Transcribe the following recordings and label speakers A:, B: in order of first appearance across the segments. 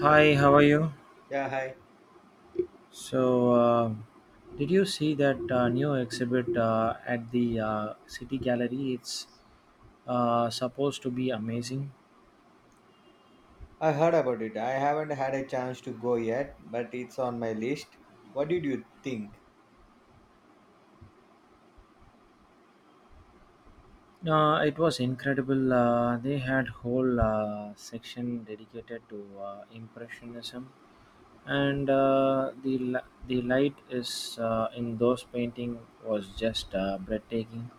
A: Hi, how are you?
B: Yeah, hi.
A: So, did you see that new exhibit at the City Gallery? It's supposed to be amazing.
B: I heard about it. I haven't had a chance to go yet, but it's on my list. What did you think?
A: It was incredible. They had whole section dedicated to impressionism, and the light is in those painting was just breathtaking.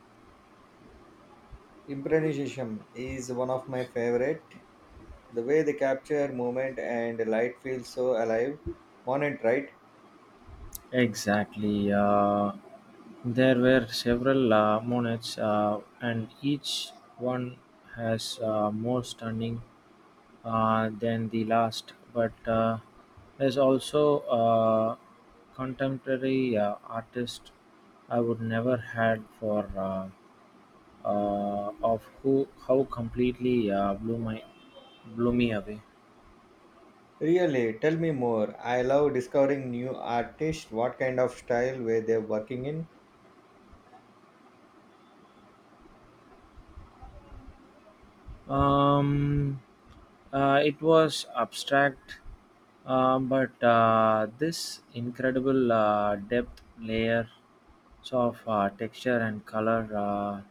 B: Improvisation is one of my favorite. The way they capture movement and light feels so alive. On it, right?
A: Exactly. There were several monets, and each one has more stunning than the last. But there's also contemporary artist I would never had for of who how completely blew me away.
B: Really, tell me more. I love discovering new artists. What kind of style were they working in?
A: Um, it was abstract, but this incredible depth layers of texture and color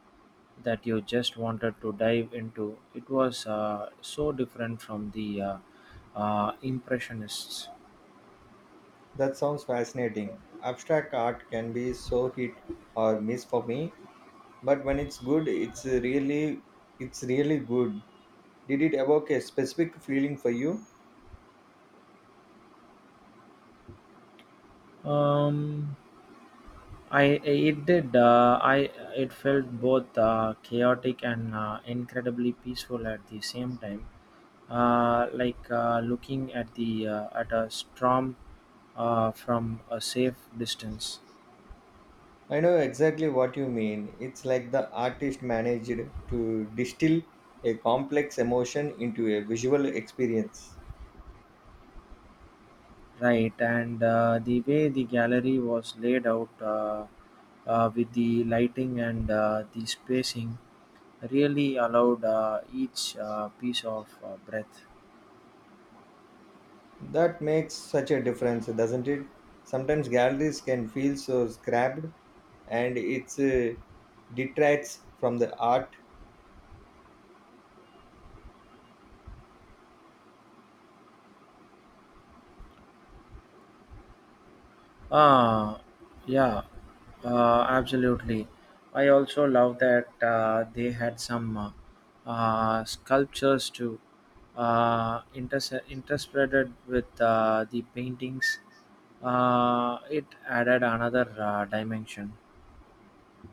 A: that you just wanted to dive into. It was so different from the impressionists.
B: That sounds fascinating. Abstract art can be so hit or miss for me, but when it's good, it's really good. Did it evoke a specific feeling for you?
A: Um, I it did. I it felt both chaotic and incredibly peaceful at the same time, like looking at the at a storm from a safe distance.
B: I know exactly what you mean. It's like the artist managed to distill a complex emotion into a visual experience.
A: Right, and the way the gallery was laid out, with the lighting and the spacing really allowed each piece of breath.
B: That makes such a difference, doesn't it? Sometimes galleries can feel so scrapped and it's detracts from the art.
A: Ah, yeah, absolutely. I also love that they had some sculptures too, interspreaded with the paintings. It added another dimension.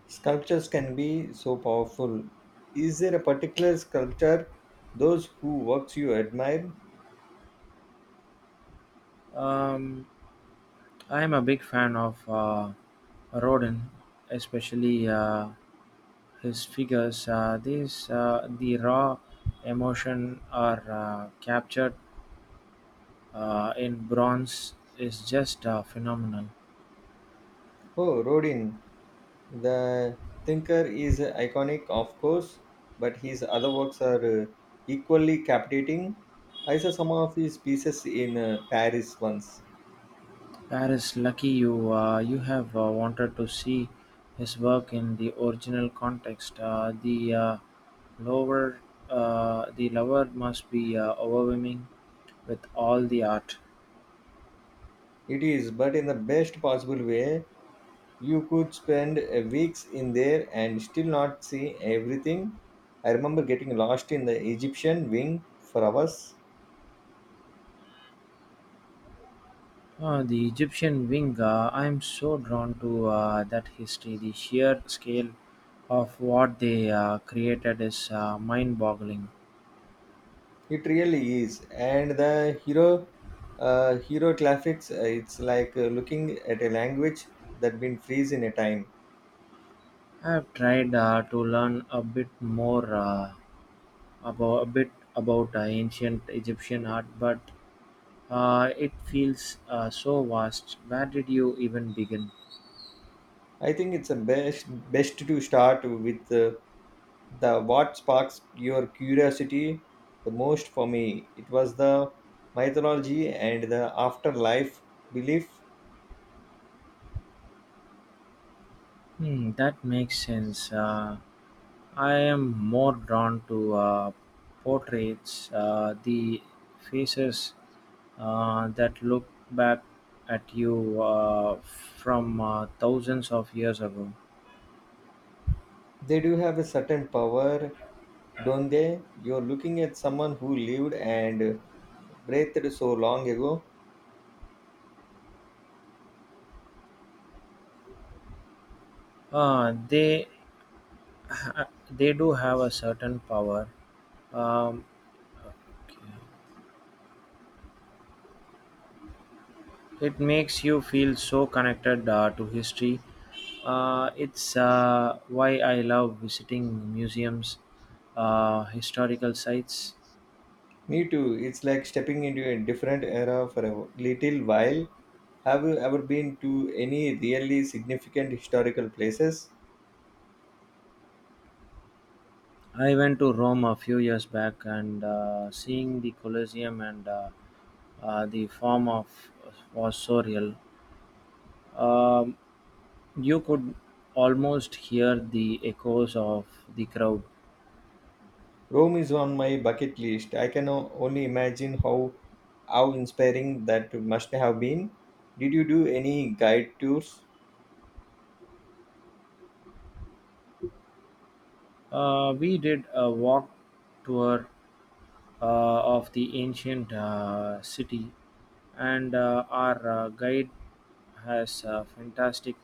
B: Sculptures can be so powerful. Is there a particular sculptor, those who works you admire?
A: Um, I am a big fan of Rodin, especially his figures. The raw emotion are captured in bronze is just a phenomenon.
B: Oh, Rodin, The Thinker is iconic, of course, but his other works are equally captivating. I saw some of his pieces in Paris once.
A: Paris, lucky you, you have wanted to see his work in the original context. Lower, the lower must be overwhelming with all the art.
B: It is, but in the best possible way. You could spend weeks in there and still not see everything. I remember getting lost in the Egyptian wing for hours.
A: The Egyptian wing, I am so drawn to that history. The sheer scale of what they created is mind boggling.
B: It really is, and the hero graphics. It's like looking at a language that been freeze in a time.
A: I've tried to learn a bit about ancient Egyptian art, but it feels so vast. Where did you even begin?
B: I think it's the best to start with the what sparks your curiosity the most for me. It was the mythology and the afterlife belief.
A: Hmm, that makes sense. I am more drawn to portraits, the faces that look back at you from thousands of years ago.
B: They do have a certain power, don't they? You're looking at someone who lived and breathed so long ago.
A: They ha- they do have a certain power. Um, it makes you feel so connected to history. It's why I love visiting museums, historical sites.
B: Me too. It's like stepping into a different era for a little while. Have you ever been to any really significant historical places?
A: I went to Rome a few years back, and seeing the Colosseum and the form of was so real. Um, you could almost hear the echoes of the crowd.
B: Rome is on my bucket list. Only imagine how inspiring that must have been. Did you do any guide tours?
A: We did a walk tour of the ancient city, and our guide has fantastic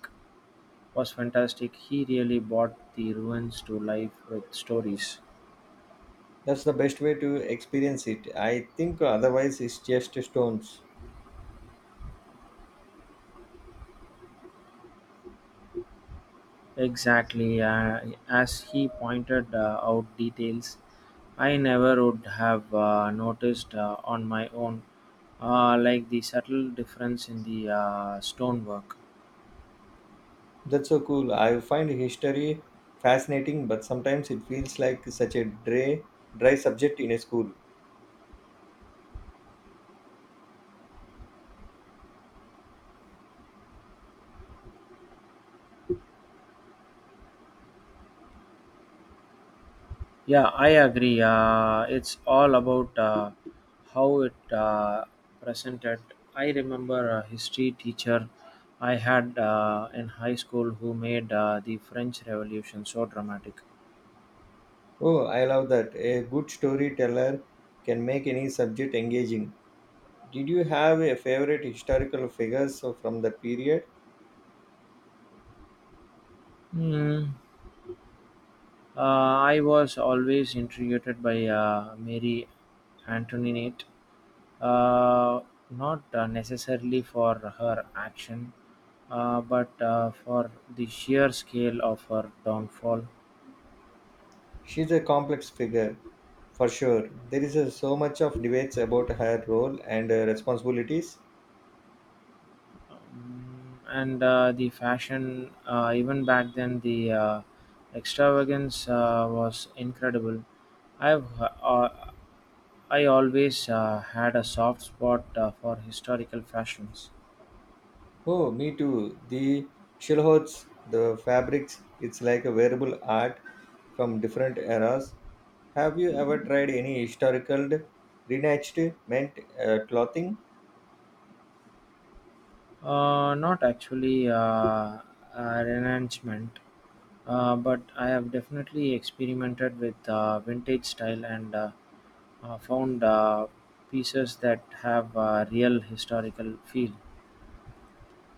A: was fantastic. He really brought the ruins to life with stories.
B: That's the best way to experience it. I think otherwise it's just stones.
A: Exactly, as he pointed out details I never would have noticed on my own, like the subtle difference in the stonework.
B: That's so cool. I find history fascinating, but sometimes it feels like such a dry subject in a school.
A: Yeah, I agree. It's all about how it presented. I remember a history teacher I had in high school who made the French Revolution so dramatic.
B: Oh, I love that. A good storyteller can make any subject engaging. Did you have a favorite historical figures from that period?
A: Hmm. I was always intrigued by Mary Antoinette, uh, not necessarily for her action, but for the sheer scale of her downfall.
B: She's a complex figure, for sure. There is so much of debates about her role and responsibilities.
A: And the fashion, even back then the extravagance was incredible. i've uh, uh, I always had a soft spot for historical fashions.
B: Oh, me too. The shilhots, the fabrics, it's like a wearable art from different eras. Have you ever tried any historical reenactment clothing?
A: Not actually a renouncement, but I have definitely experimented with vintage style and found pieces that have a real historical feel.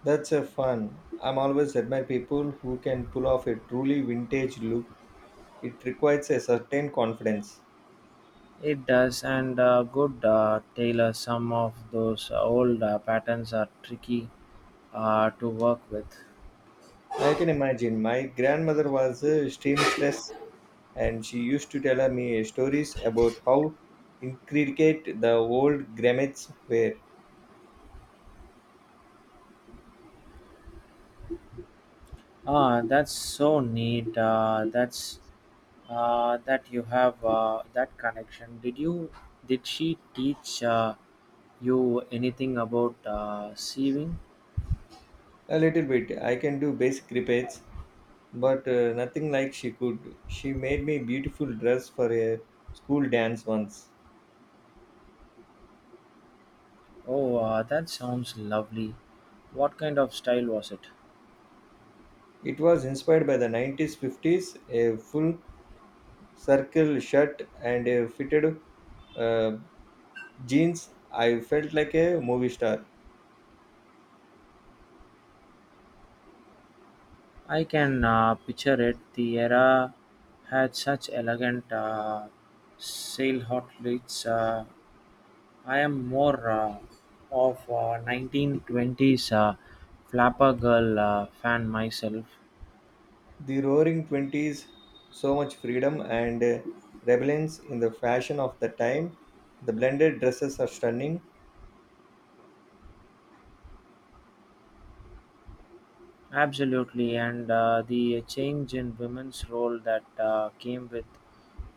B: That's a fun. I'm always admire people who can pull off a truly vintage look. It requires a certain confidence.
A: It does, and a good tailor. Some of those old patterns are tricky to work with.
B: I can imagine. My grandmother was a seamstress and she used to tell me stories about how intricate the old grommets were.
A: Ah, that's so neat. That you have that connection. Did she teach you anything about sewing?
B: A little bit. I can do basic repairs, but nothing like she could. She made me beautiful dress for a school dance once.
A: Oh, that sounds lovely. What kind of style was it?
B: It was inspired by the 90s 50s, a full circle shirt and a fitted uh, jeans. I felt like a movie star.
A: I can picture it. The era had such elegant silhouettes. I am more of 1920s flapper girl fan myself.
B: The Roaring Twenties, so much freedom and rebellions in the fashion of the time. The blended dresses are stunning.
A: Absolutely, and the change in women's role that came with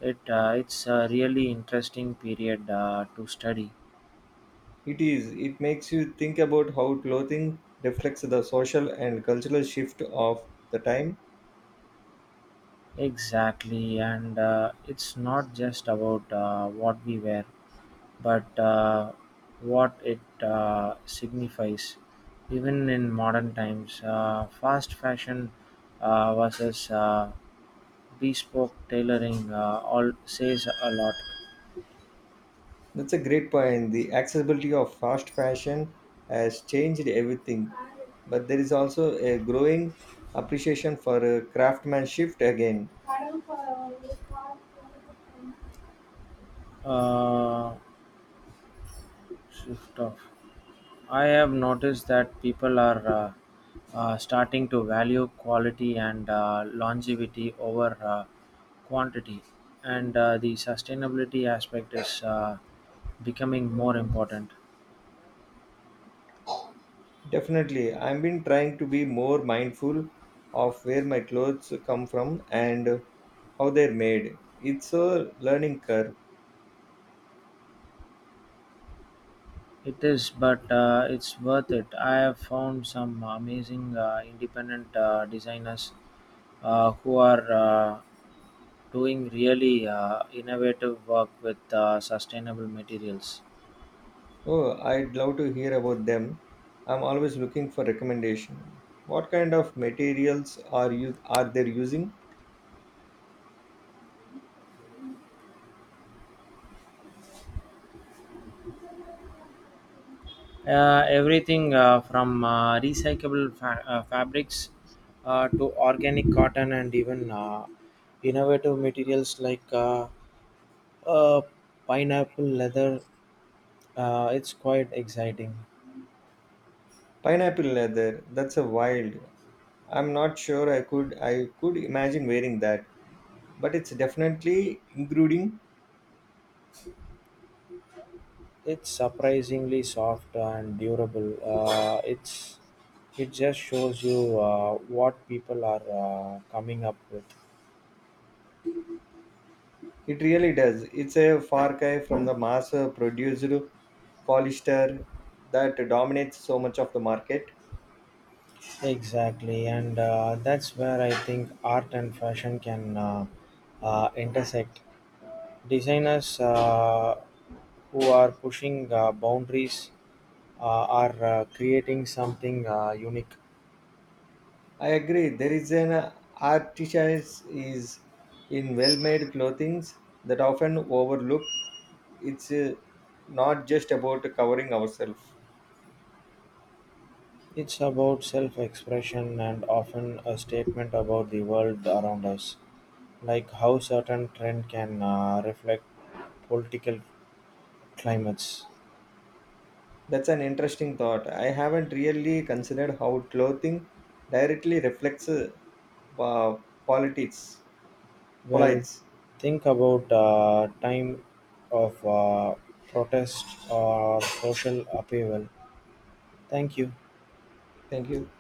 A: it. It's a really interesting period to study.
B: It is. It makes you think about how clothing reflects the social and cultural shift of the time.
A: Exactly, and it's not just about what we wear but what it signifies, even in modern times. Fast fashion versus bespoke tailoring all says a lot.
B: That's a great point. The accessibility of fast fashion has changed everything, but there is also a growing appreciation for craftsmanship again.
A: Uh, Shift off. I have noticed that people are starting to value quality and longevity over quantity, and the sustainability aspect is becoming more important.
B: Definitely. I've been trying to be more mindful of where my clothes come from and how they're made. It's a learning curve.
A: It is, but it's worth it. I have found some amazing independent designers who are doing really innovative work with sustainable materials.
B: Oh, I'd love to hear about them. I'm always looking for recommendation. What kind of materials are they using?
A: Everything from recyclable fabrics to organic cotton and even innovative materials like uh, pineapple leather. It's quite exciting.
B: Pineapple leather. That's a wild. I'm not sure I could imagine wearing that, but it's definitely intruding.
A: It's surprisingly soft and durable. It just shows you what people are coming up with.
B: It really does. It's a far cry from the mass produced polyester that dominates so much of the market.
A: Exactly, and that's where I think art and fashion can intersect. Designers who are pushing boundaries are creating something unique.
B: I agree. There is an artisan is in well-made clothing that often overlook. It's not just about covering ourselves.
A: It's about self expression and often a statement about the world around us, like how certain trend can reflect political climates.
B: That's an interesting thought. I haven't really considered how clothing directly reflects politics.
A: Well,
B: Polites.
A: think about time of protest or social upheaval. Thank you.
B: Thank you.